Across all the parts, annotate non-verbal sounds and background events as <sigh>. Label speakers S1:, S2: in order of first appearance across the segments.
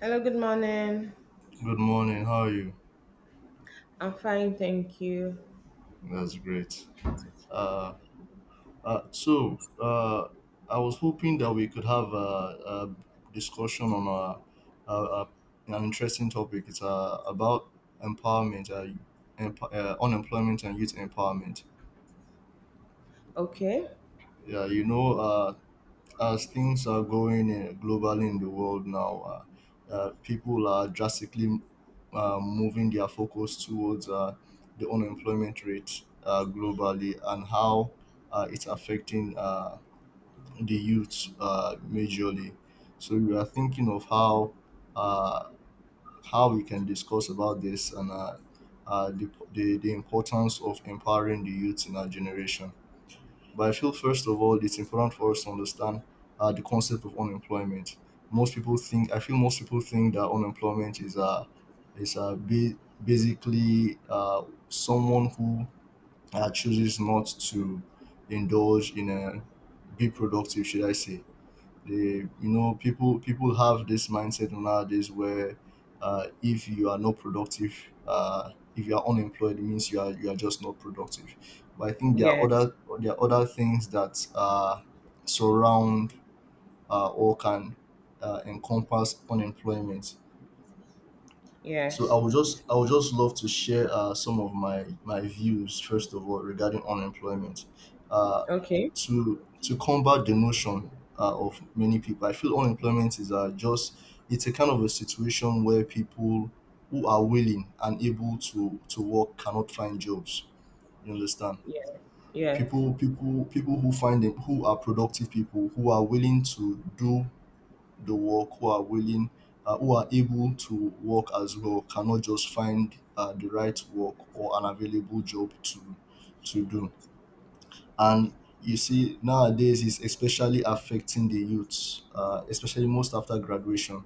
S1: Hello, good morning.
S2: Good morning. How are you?
S1: I'm fine, thank you.
S2: That's great. Uh, uh, so uh, I was hoping that we could have a discussion on an interesting topic. It's about empowerment, uh, unemployment, and youth empowerment.
S1: Okay.
S2: Yeah, you know, as things are going globally in the world now, people are drastically moving their focus towards the unemployment rate globally and how it's affecting the youth majorly. So we are thinking of uh, how we can discuss about this and the importance of empowering the youth in our generation. But I feel first of all, it's important for us to understand the concept of unemployment. Most people think I feel most people think that unemployment is is a ba- basically someone who chooses not to indulge in a be productive, should I say, they, people have this mindset nowadays where if you are not productive, if you are unemployed, it means you are just not productive. But I think
S1: Yes.
S2: there are other things that surround or can encompass unemployment, so
S1: Yes.
S2: I would just love to share some of my views first of all regarding unemployment. Uh,
S1: Okay.
S2: to combat the notion of many people, I feel unemployment is just it's a kind of a situation where people who are willing and able to work cannot find jobs. You understand?
S1: Yes. Yes.
S2: People who find it who are productive, people who are willing to do the work, who are willing who are able to work as well cannot just find the right work or an available job to do. And you see nowadays is especially affecting the youths, especially most after graduation.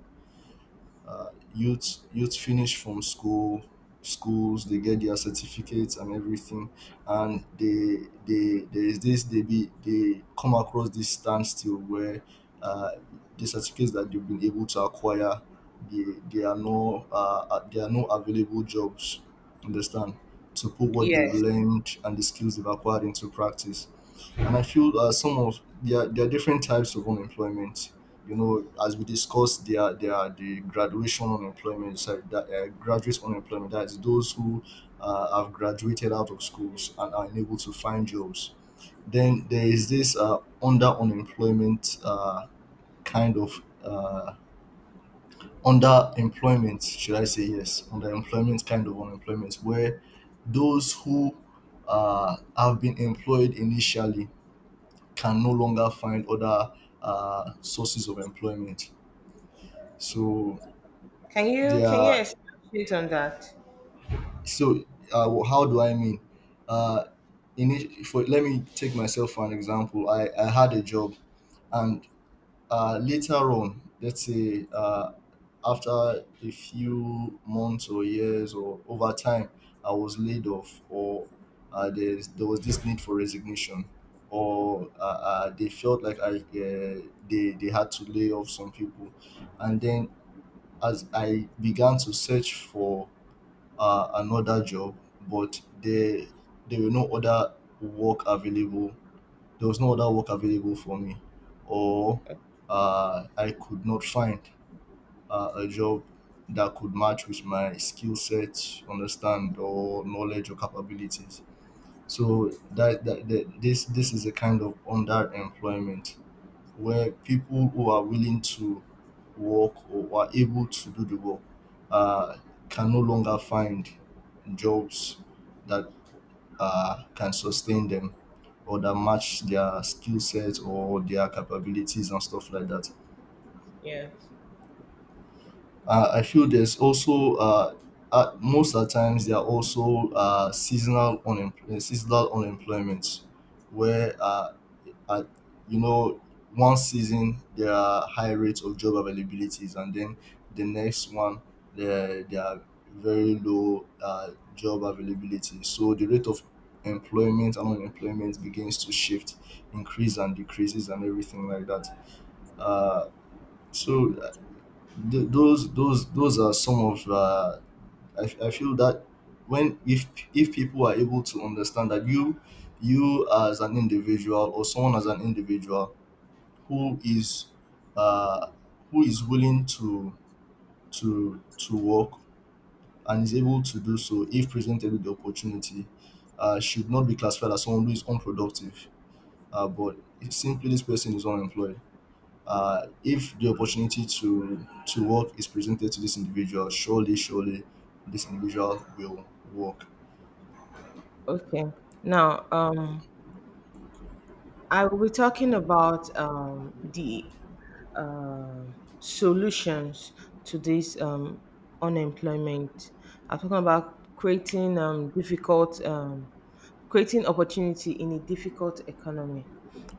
S2: Youth finish from schools, they get their certificates and everything, and they there is this, they be they come across this standstill where uh, the certificates that they've been able to acquire, they, are no there are no available jobs, understand, to put what they've
S1: Yes.
S2: learned and the skills they've acquired into practice. And I feel some of there are different types of unemployment. You know, as we discussed, there are the graduation unemployment, sorry, that, graduate unemployment, that is those who have graduated out of schools and are unable to find jobs. Then there is this under unemployment, kind of underemployment, should I say, yes, underemployment kind of unemployment, where those who have been employed initially can no longer find other sources of employment. So
S1: Can you
S2: they are
S1: elaborate on that?
S2: so. How do I mean? Uh, in it, for let me take myself for an example. I had a job, and later on, let's say after a few months or years or over time, I was laid off, or there's there was this need for resignation, or they felt like I uh, they had to lay off some people, and then as I began to search for another job, but there were no other work available. There was no other work available for me, or I could not find a job that could match with my skill set, understand, or knowledge or capabilities. So that, that, that this is a kind of underemployment where people who are willing to work or are able to do the work uh, can no longer find jobs that can sustain them or that match their skill sets or their capabilities and stuff like that.
S1: Yes.
S2: I feel there's also most of the times there are also seasonal unemployment, where at, you know, one season there are high rates of job availabilities, and then the next one there there are very low job availability. So the rate of employment and unemployment begins to shift, increase and decreases, and everything like that. Uh, so those those are some of I feel that when if people are able to understand that you as an individual or someone as an individual who is uh, who is willing to work and is able to do so if presented with the opportunity, should not be classified as someone who is unproductive, but it's simply this person is unemployed. If the opportunity to work is presented to this individual, surely, surely, this individual will work.
S1: Okay. Now, I will be talking about the solutions to this unemployment. I'm talking about creating creating opportunity in a difficult economy,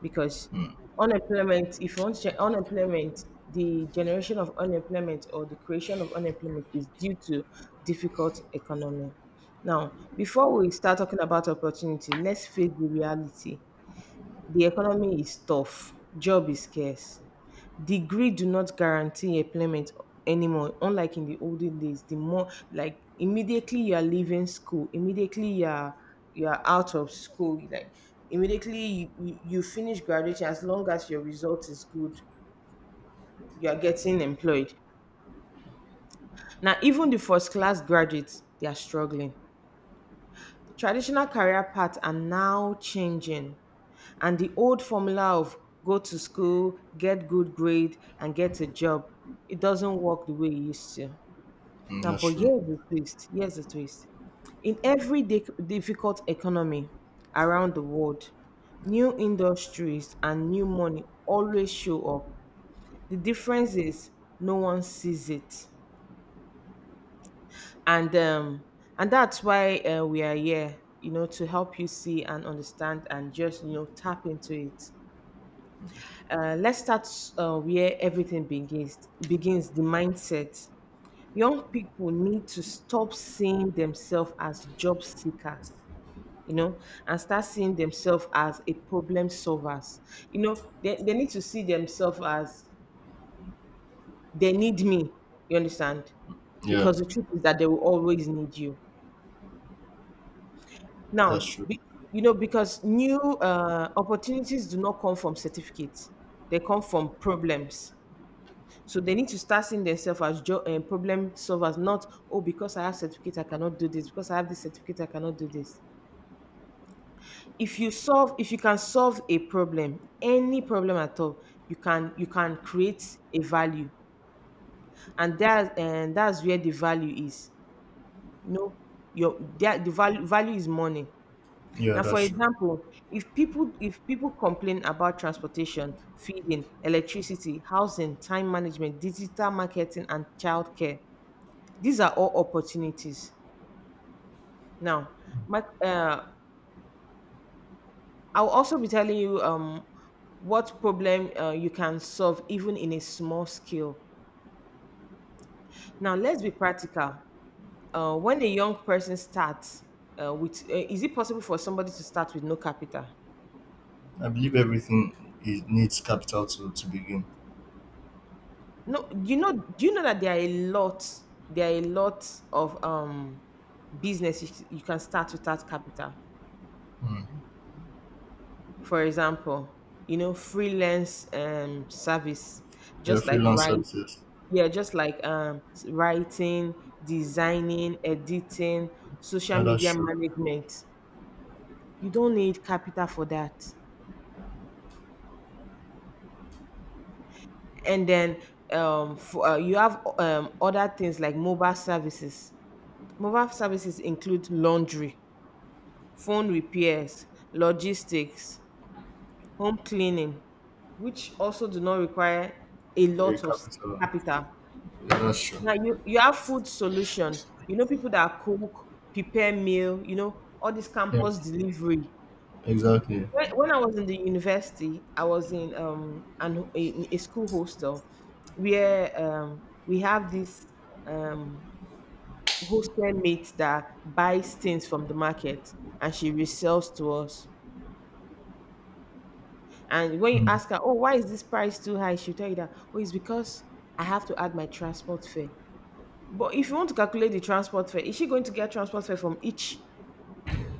S1: because unemployment. If you want to check unemployment, the generation of unemployment or the creation of unemployment is due to difficult economy. Now, before we start talking about opportunity, let's face the reality. The economy is tough. Job is scarce, degree do not guarantee employment anymore, unlike in the olden days. The more like immediately you are leaving school, immediately you are out of school, like immediately you finish graduation, as long as your result is good, you are getting employed. Now even the first class graduates they are struggling. Traditional career paths are now changing, and the old formula of go to school, get good grade, and get a job, it doesn't work the way it used to.
S2: Mm,
S1: Now,
S2: that's
S1: but
S2: true.
S1: here's the twist. Here's the twist. In every difficult economy around the world, new industries and new money always show up. The difference is no one sees it, and um, and that's why we are here. You know, to help you see and understand, and just you know tap into it. Let's start where everything begins. Begins the mindset. Young people need to stop seeing themselves as job seekers, you know, and start seeing themselves as a problem solvers. You know, they need to see themselves as they need me, you understand,
S2: Yeah,
S1: because the truth is that they will always need you
S2: that's
S1: now
S2: true.
S1: you know, because new opportunities do not come from certificates, they come from problems. So they need to start seeing themselves as problem solvers, not oh because I have certificate I cannot do this, because I have this certificate I cannot do this. If you can solve a problem, any problem at all, you can create a value, and that's where the value is. You know, your that the value is money.
S2: Yeah,
S1: Now,
S2: that's
S1: for
S2: true.
S1: example, if people complain about transportation, feeding, electricity, housing, time management, digital marketing, and childcare, these are all opportunities. Now, my, uh, I'll also be telling you what problem you can solve even in a small scale. Now, let's be practical. When a young person starts is it possible for somebody to start with no capital?
S2: I believe everything is, needs capital to begin.
S1: No, do you know? Do you know that there are a lot, there are a lot of business, you can start without capital.
S2: Mm.
S1: For example, you know, freelance service,
S2: Yeah,
S1: just like
S2: freelance
S1: writing,
S2: services.
S1: yeah just like writing, designing, editing, social
S2: Yeah, that's
S1: media
S2: true.
S1: management. You don't need capital for that. And then for, you have other things like mobile services. Mobile services include laundry, phone repairs, logistics, home cleaning, which also do not require a
S2: Yeah,
S1: lot of
S2: capital.
S1: capital.
S2: Yeah, that's true.
S1: Now you have food solution. You know people that cook, prepare meal. You know all this
S2: Yep,
S1: campus delivery.
S2: exactly.
S1: When I was in the university, I was in an in a school hostel where we have this um hostel mate that buys things from the market and she resells to us. And when you
S2: Mm.
S1: ask her, oh, why is this price too high? She'll tell you that, oh, it's because I have to add my transport fare. But if you want to calculate the transport fare, is she going to get transport fare from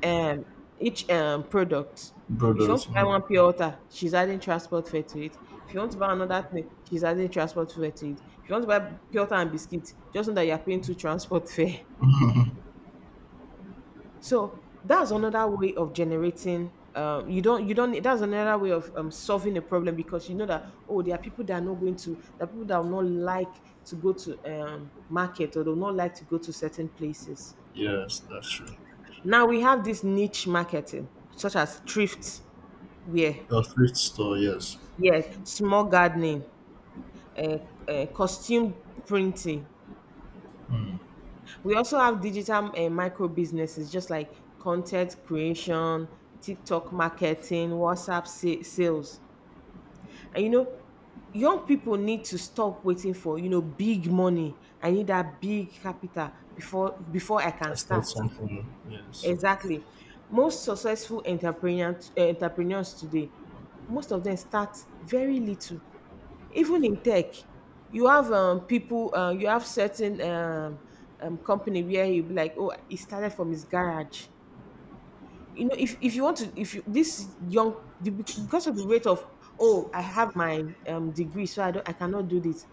S1: um each product? If you want
S2: Brothers.
S1: to buy
S2: Mm.
S1: one pure water, she's adding transport fare to it. If you want to buy another thing, she's adding transport fare to it. If you want to buy pure water and biscuits, just know that you're paying two transport <laughs> fare. So that's another way of generating. You don't. That's another way of solving a problem because you know that oh, there are people that are not going to, there are people that will not like to go to market, or they will not like to go to certain places.
S2: Yes, that's true.
S1: Now we have this niche marketing, such as thrift wear,
S2: A thrift store. Yes,
S1: yes, small gardening, uh, costume printing. We also have digital micro businesses, just like content creation, TikTok marketing, WhatsApp sales. And you know, young people need to stop waiting for you know big money. I need that big capital before I
S2: I
S1: can
S2: start
S1: start.
S2: something. Yes,
S1: Exactly. Most successful entrepreneurs today, most of them start very little. Even in tech, you have you have certain company where you be like, oh, he started from his garage. You know, if you want to, if you, because of the rate of, oh, I have my degree, so I don't, I cannot do this.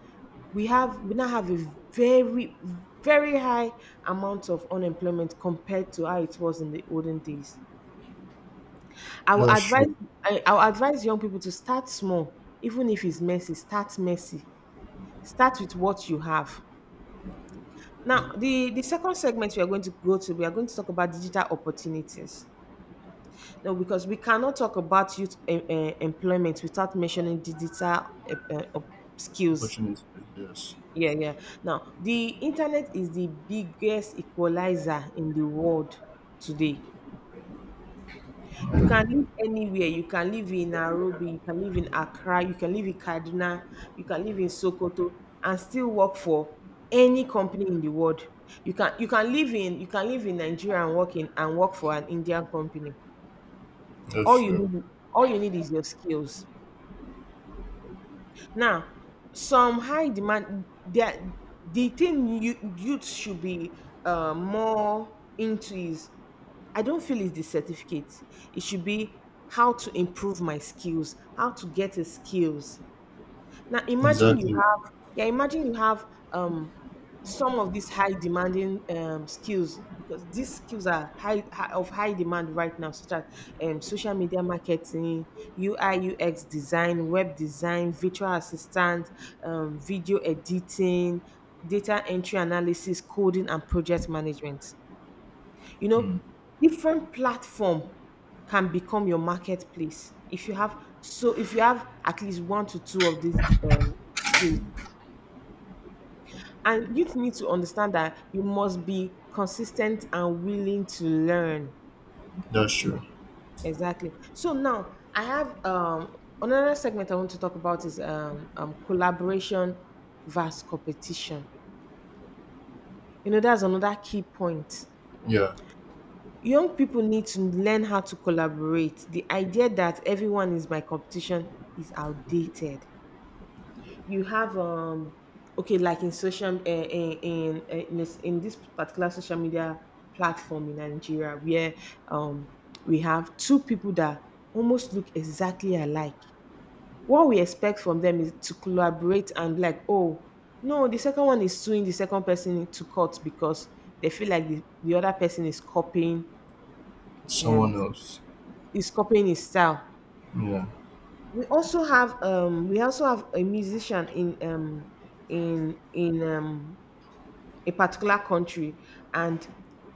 S1: We now have a very, very high amount of unemployment compared to how it was in the olden days. I will
S2: that's
S1: advise
S2: true.
S1: I will advise young people to start small, even if it's messy. Start messy. Start with what you have. Now, the second segment we are going to go to, we are going to talk about digital opportunities. Now, because we cannot talk about youth employment without mentioning digital eh, eh, op- skills.
S2: Opportunity. Yes.
S1: Yeah, yeah. Now, the internet is the biggest equalizer in the world today. You can live anywhere. You can live in Nairobi, you can live in Accra, you can live in Kaduna, you can live in Sokoto and still work for any company in the world. You can live in you can live in Nigeria and work in and work for an Indian company.
S2: That's
S1: All you
S2: true.
S1: need, all you need is your skills. Now, some high demand that the thing you youth should be more into is I don't feel it's the certificate. It should be how to improve my skills, how to get a skills. Now imagine you
S2: Exactly.
S1: have, yeah, imagine you have um some of these high demanding skills, because these skills are high, high of high demand right now, such as social media marketing, UI, UX design, web design, virtual assistant, video editing, data entry analysis, coding, and project management. You know,
S2: Mm.
S1: different platform can become your marketplace if you have, so if you have at least one to two of these skills. And youth need to understand that you must be consistent and willing to learn.
S2: That's true.
S1: Exactly. So now I have another segment I want to talk about is collaboration versus competition. You know, that's another key point.
S2: Yeah.
S1: Young people need to learn how to collaborate. The idea that everyone is my competition is outdated. You have okay, like in social in this particular social media platform in Nigeria, where um we have two people that almost look exactly alike. What we expect from them is to collaborate, and like, oh no, the second one is suing the second person to court because they feel like the other person
S2: Someone
S1: um
S2: else.
S1: is copying his style.
S2: Yeah.
S1: We also have a musician in in in um a particular country, and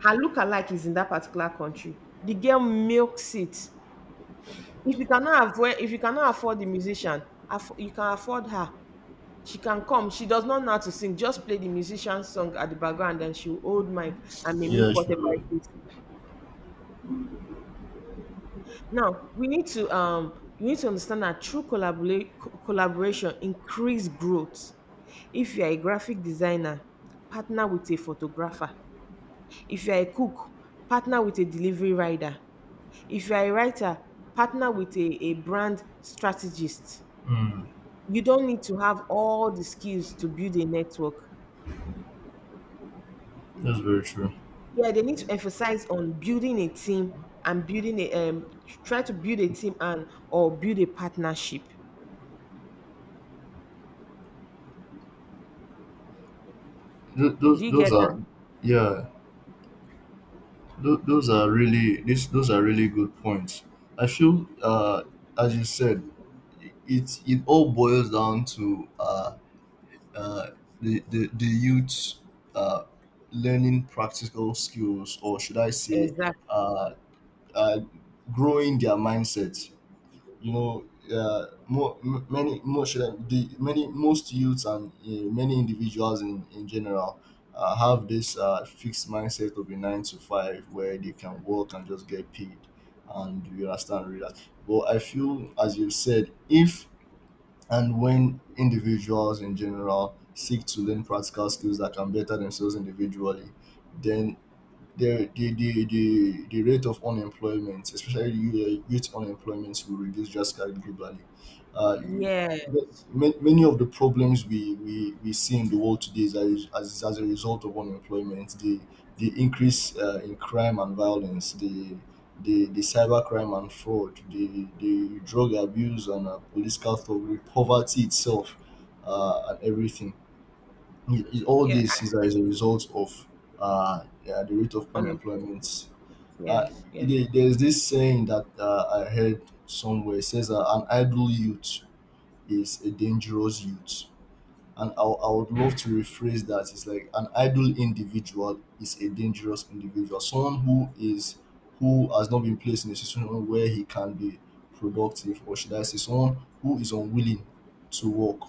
S1: her lookalike is in that particular country. The girl milks it. If you cannot afford, if you cannot afford the musician, you can afford her. She can come. She does not know how to sing. Just play the musician's song at the background and she will hold mic and mimic
S2: Yeah,
S1: whatever
S2: true.
S1: it is. Now we need to you need to understand that true collaboration increase growth. If you are a graphic designer, partner with a photographer. If you are a cook, partner with a delivery rider. If you are a writer, partner with a brand strategist.
S2: Mm.
S1: You don't need to have all the skills to build a network.
S2: That's very true.
S1: Yeah, they need to emphasize on building a team and building a try to build a team and or build a partnership.
S2: Th-
S1: Do you
S2: those
S1: get that?
S2: are yeah. Those are really this those are really good points. I feel as you said, it it all boils down to uh the youth. uh Learning practical skills, or should I say
S1: Exactly.
S2: uh uh growing their mindset, you know, many most youths and many individuals in general have this fixed mindset of a nine to five where they can work and just get paid and you understand relax, but I feel as you said, if and when individuals in general seek to learn practical skills that can better themselves individually, then the rate of unemployment, especially youth unemployment, will reduce drastically globally. Uh,
S1: Yes.
S2: ma- Many of the problems we see in the world today is as, as a result of unemployment, the increase in crime and violence, the cybercrime and fraud, the drug abuse and police culture, poverty itself, and everything is all
S1: Yeah.
S2: this is as a result of yeah, the rate of
S1: Unemployment.
S2: unemployment. Uh,
S1: Yes. Yes.
S2: there's this saying that I heard somewhere. It says an idle youth is a dangerous youth. And I would love to rephrase that. It's like an idle individual is a dangerous individual. Someone who is who has not been placed in a situation where he can be productive, or should I say, someone who is unwilling to work,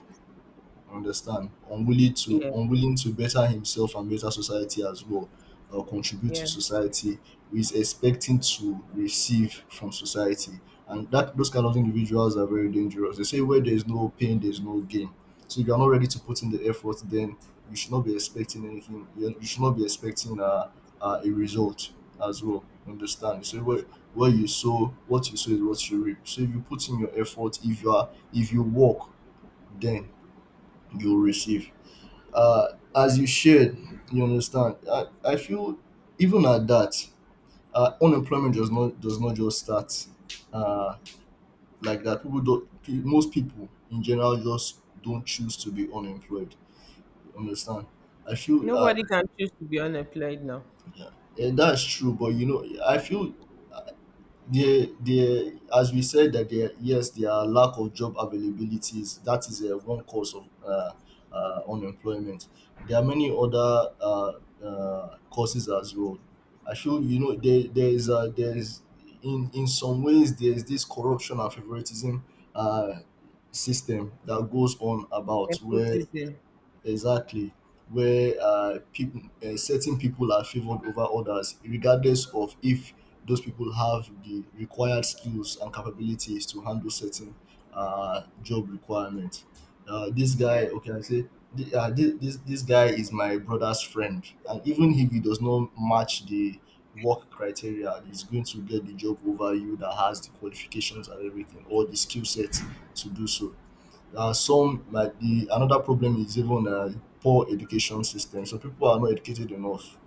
S2: understand,
S1: Yeah.
S2: unwilling to better himself and better society as well, or contribute to
S1: Yeah.
S2: society, who is expecting to receive from society. And that those kind of individuals are very dangerous. They say where there is no pain there is no gain, so if you're not ready to put in the effort, then you should not be expecting anything. You should not be expecting a result as well, understand. So where you sow what you sow is what you reap, so if you put in your effort, if you are, if you work, then you'll receive. As you shared, you understand. I feel even at that, unemployment does not just start uh, like that. People don't. Most people in general just don't choose to be unemployed. You understand? I feel
S1: Nobody can choose to be unemployed now.
S2: yeah, yeah, that's true. But you know, I feel there, there, as we said that there, yes, there are lack of job availabilities. That is a one cause of unemployment. There are many other causes as well. I feel you know there, there is in some ways there is this corruption and favoritism uh, system that goes on about where
S1: Nepotism.
S2: exactly, where people certain people are favored over others regardless of if those people have the required skills and capabilities to handle certain job requirements. This
S1: Yeah.
S2: guy, okay, I say this guy is my brother's friend, and even if he does not match the work criteria, he's going to get the job over you that has the qualifications and everything, or the skill set to do so. Some like the another problem is even poor education system. So people are not educated enough,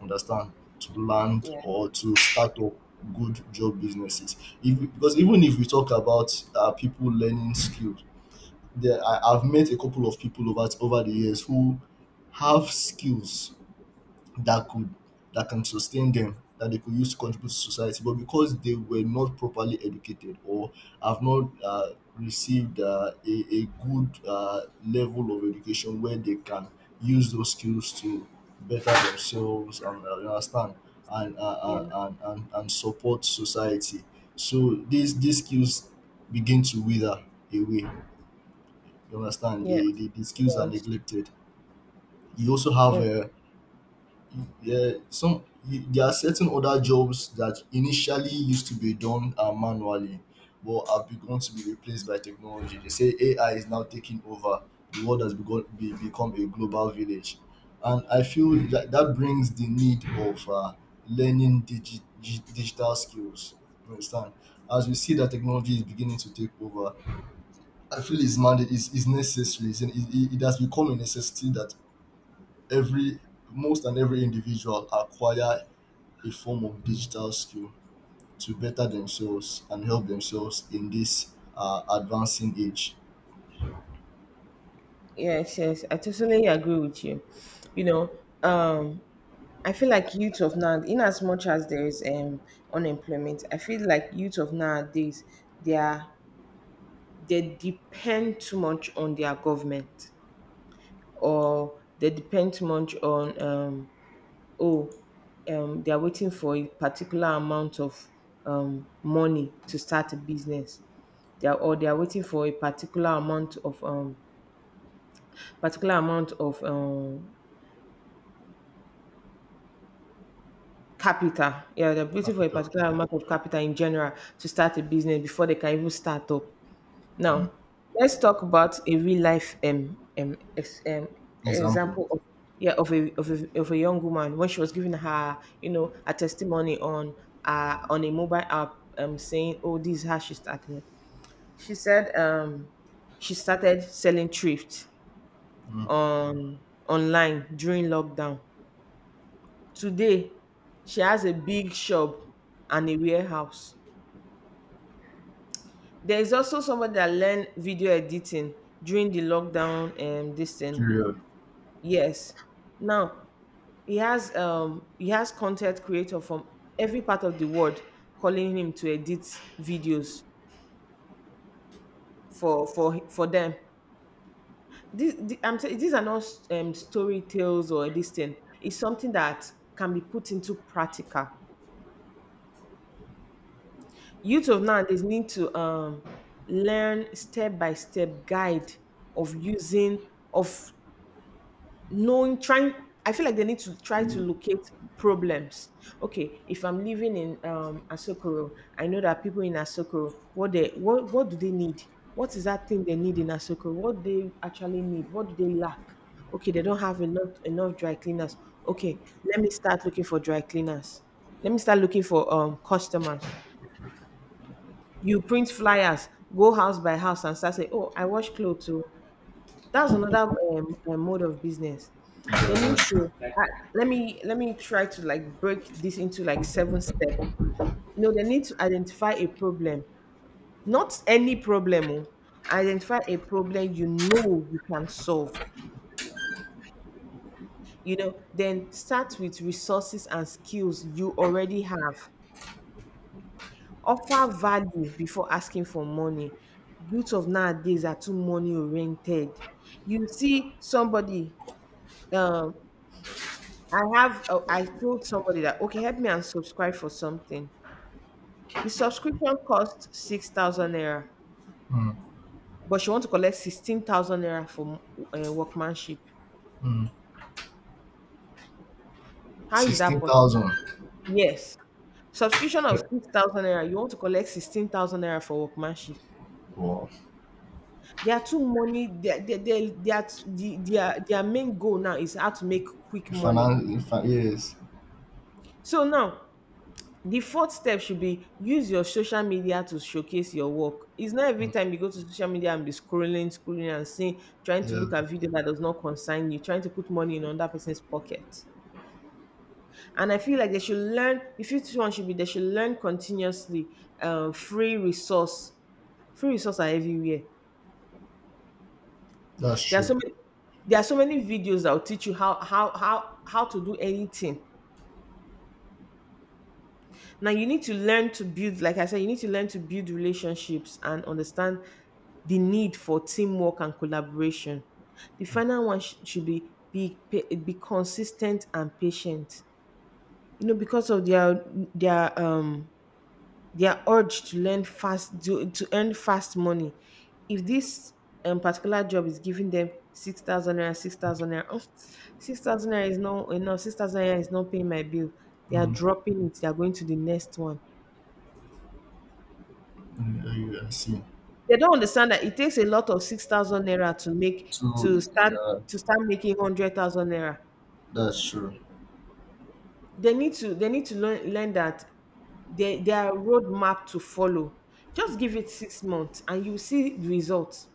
S2: understand, to land
S1: Yeah.
S2: or to start up good job businesses. If, because even if we talk about people learning skills, there I've met a couple of people over the years who have skills that could that can sustain them, that they could use to contribute to society, but because they were not properly educated or have not received a good level of education where they can use those skills to better themselves and you understand
S1: Yeah.
S2: and support society, so these skills begin to wither away, you understand,
S1: Yeah.
S2: the skills are
S1: Yes.
S2: neglected. You also have
S1: Yes.
S2: yeah, some there are certain other jobs that initially used to be done manually, but have begun to be replaced by technology. They say AI is now taking over. The world has begun become a global village, and I feel that that brings the need of learning digital skills. You understand? As we see that technology is beginning to take over, I feel it's mandate is necessary. It it has become a necessity that every most and every individual acquire a form of digital skill to better themselves and help themselves in this advancing age.
S1: Yes. Yes. I totally agree with you. You know, um, I feel like youth of now, in as much as there is unemployment, I feel like youth of nowadays they are they depend too much on their government or they depend too much on oh they are waiting for a particular amount of money to start a business or they are waiting for a particular amount of particular amount of um, capital, yeah, they're waiting for a
S2: Capital.
S1: particular amount of capital in general to start a business before they can even start up. Now,
S2: Mm.
S1: let's talk about a real life
S2: Example.
S1: example of yeah of a young woman when she was giving her a testimony on a mobile app saying oh this is how she started. She said she started selling thrift
S2: Mm.
S1: on online during lockdown. Today, she has a big shop and a warehouse. There is also somebody that learned video editing during the lockdown this thing.
S2: Period.
S1: Yes. Now he has content creator from every part of the world calling him to edit videos for them. I'm saying these are not story tales or this thing. It's something that can be put into practical. Youth of nowadays need to learn step by step guide of using of knowing trying I feel like they need to try to locate problems. Okay, if I'm living in Asokoro, I know that people in Asokoro, what do they need, what is that thing they need in Asokoro, what they actually need, what do they lack. Okay, they don't have enough dry cleaners. Okay, let me start looking for dry cleaners, let me start looking for customers, you print flyers, go house by house and start saying oh I wash clothes too. That's another mode of business.
S2: Yeah,
S1: They need
S2: that's
S1: to let me try to like break this into like seven steps. You know, they need to identify a problem, not any problem. Oh. Identify a problem you know you can solve. You know, then start with resources and skills you already have. Offer value before asking for money. Youth of nowadays are too money oriented. You see somebody um I have, I told somebody that, okay, help me and subscribe for something. The subscription cost 6,000 naira, but she want to collect 16,000 naira for workmanship. How is that
S2: Sixteen
S1: possible?
S2: thousand.
S1: Yes. Subscription of 6,000 naira, you want to collect 16,000 naira for workmanship.
S2: Wow.
S1: They are too money, they are, the, their main goal now is how to make quick money.
S2: Finance. Yes.
S1: So now, the fourth step should be use your social media to showcase your work. It's not every time you go to social media and be scrolling, scrolling, and seeing, trying to look
S2: Yeah.
S1: at video that does not concern you, trying to put money in another person's pocket. And I feel like they should learn. The fifth one should be they should learn continuously. Free resource are everywhere.
S2: That's
S1: There are
S2: true.
S1: so many. There are so many videos that will teach you how to do anything. Now you need to learn to build, like I said, you need to learn to build relationships and understand the need for teamwork and collaboration. The final one should be be consistent and patient. You know, because of their their um their urge to learn fast, to earn fast money, if this particular job is giving them 6,000 naira, 6,000 naira, oh, 6,000 naira is not enough, 6,000 naira is not paying my bill, they are
S2: Mm.
S1: dropping it, they are going to the next one.
S2: Yeah, yeah, I see.
S1: They don't understand that it takes a lot of 6,000 naira to make
S2: So yeah,
S1: to start making 100,000 naira.
S2: that's true.
S1: They need to learn that they are roadmap to follow. Just give it 6 months and you see the results.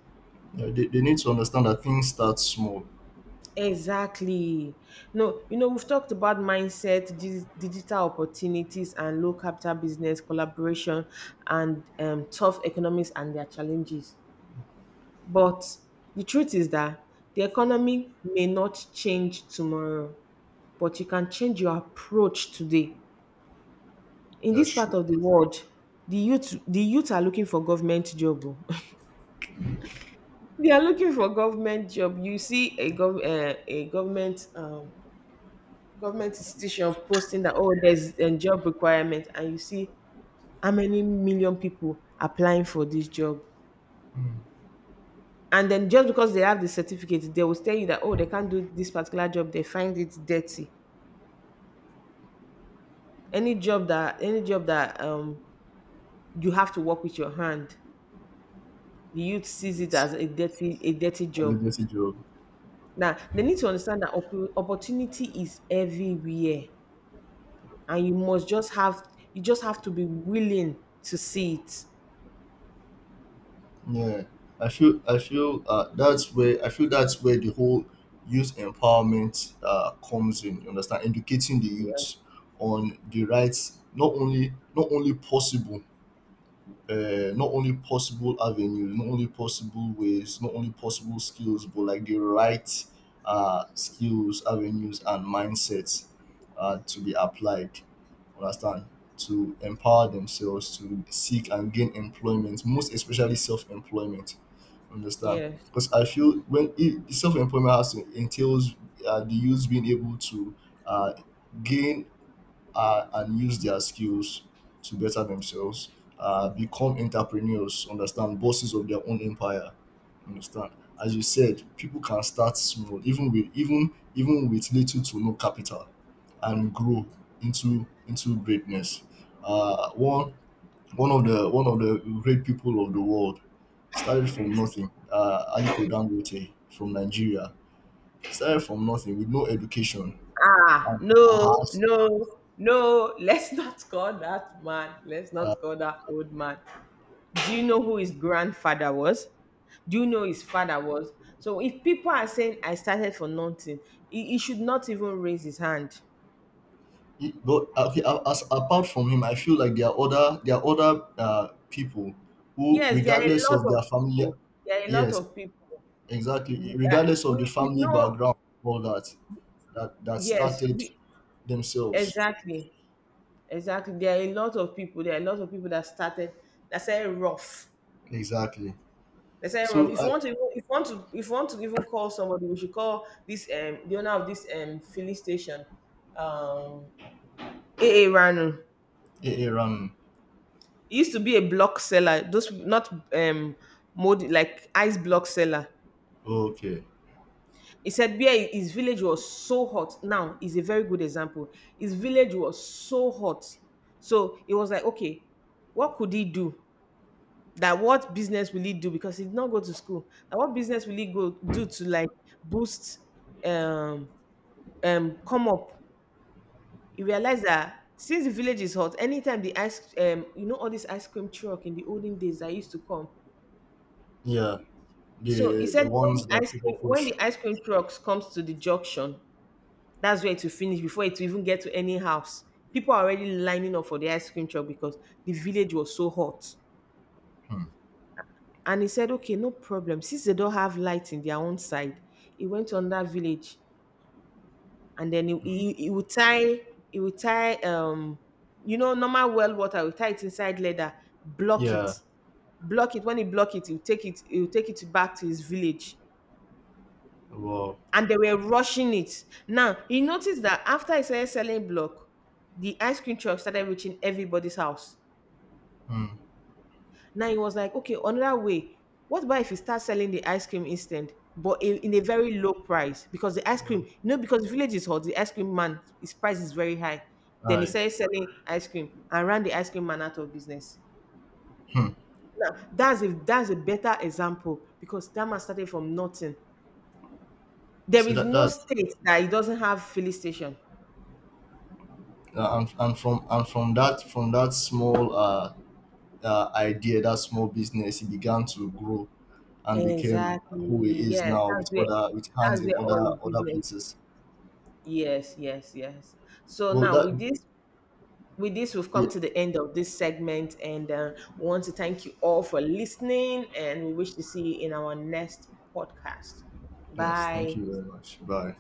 S2: Yeah, they need to understand that things start small.
S1: Exactly. No, you know, we've talked about mindset, digital opportunities, and low capital business collaboration, and tough economics and their challenges. But the truth is that the economy may not change tomorrow, but you can change your approach today. In
S2: That's
S1: this part
S2: true.
S1: of the world, the youth are looking for government job. Oh. <laughs> They are looking for government job. You see a government government institution posting that oh there's a job requirement, and you see how many million people applying for this job. And then just because they have the certificate, they will tell you that oh they can't do this particular job, they find it dirty. Any job that you have to work with your hand, the youth sees it
S2: It's,
S1: as a dirty
S2: as a
S1: job.
S2: dirty job.
S1: Now they need to understand that opportunity is everywhere and you just have to be willing to see it.
S2: Yeah, I feel that's where I feel that's where the whole youth empowerment comes in. You understand, educating the youth on the rights, not only possible, not only possible avenues, not only possible ways, not only possible skills, but like the right skills, avenues, and mindsets to be applied. Understand, to empower themselves to seek and gain employment, most especially self-employment. Understand.
S1: Yes.
S2: Because I feel when it, self-employment has to entails the youth being able to uh, gain and use their skills to better themselves, become entrepreneurs, understand, bosses of their own empire. Understand. As you said, people can start small, even with even even with little to no capital, and grow into greatness. Uh, one One of the great people of the world started from nothing. Aliko Dangote from Nigeria started from nothing with no education
S1: Ah,
S2: and
S1: no,
S2: has.
S1: no no let's not call that man, let's not call that old man. Do you know who his grandfather was? Do you know his father was? So if people are saying I started for nothing, he should not even raise his hand.
S2: But okay, as apart from him, I feel like there are other people who,
S1: Yes, there are
S2: regardless
S1: a lot
S2: of their
S1: of
S2: family,
S1: people. There are a lot
S2: yes,
S1: of people.
S2: exactly, regardless
S1: We,
S2: of the family
S1: know,
S2: background, all that that
S1: yes,
S2: started
S1: we,
S2: themselves,
S1: exactly, exactly. There are a lot of people. There are a lot of people that started that said rough.
S2: exactly.
S1: They said rough.
S2: So
S1: If you
S2: I,
S1: want to, even- if you want to, if you want to even call somebody, we should call this the owner of this filling station, um AA Ranu.
S2: Aaron,
S1: He used to be a block seller, those not mold like ice block seller.
S2: okay,
S1: He said where his village was so hot. Now is a very good example. His village was so hot. So it was like, okay, what could he do? That what business will he do? Because he did not go to school. That what business will he go do to like boost um come up? He realized that since the village is hot, anytime the ice you know all this ice cream truck in the olden days that used to come,
S2: yeah.
S1: so he
S2: The
S1: said when
S2: ones
S1: the
S2: that people push.
S1: ice cream trucks comes to the junction, that's where it will finish before it will even get to any house. People are already lining up for the ice cream truck because the village was so hot.
S2: Hmm.
S1: And he said, okay, no problem. Since they don't have light in their own side, he went on that village and then
S2: Hmm.
S1: he would tie he would tie um you know normal well water, he would tie it inside leather, block
S2: Yeah.
S1: it, he'll take it he'll take it back to his village,
S2: Well.
S1: and they were rushing it. Now he noticed that after he started selling block, the ice cream truck started reaching everybody's house.
S2: Hmm.
S1: Now he was like, okay, another way. What about if he starts selling the ice cream instead, but in a very low price? Because the ice
S2: Yeah.
S1: cream, you know, because the village is hot, the ice cream man, his price is very high. Then he
S2: I.
S1: started selling ice cream and ran the ice cream man out of business.
S2: Hmm.
S1: Now that's a better example because that man started from nothing. There
S2: See
S1: is
S2: that
S1: no
S2: that
S1: state that it doesn't have filling station.
S2: and from that small idea, that small business, it began to grow and became who it
S1: Exactly.
S2: is
S1: Yes,
S2: now with other with
S1: that's
S2: hands in
S1: where all
S2: other
S1: is
S2: other
S1: business.
S2: places.
S1: Yes, yes, yes. So
S2: Well,
S1: now
S2: that
S1: with this we've come
S2: yeah.
S1: to the end of this segment and we want to thank you all for listening and we wish to see you in our next podcast.
S2: Yes. Thank
S1: Bye.
S2: you very much. Bye.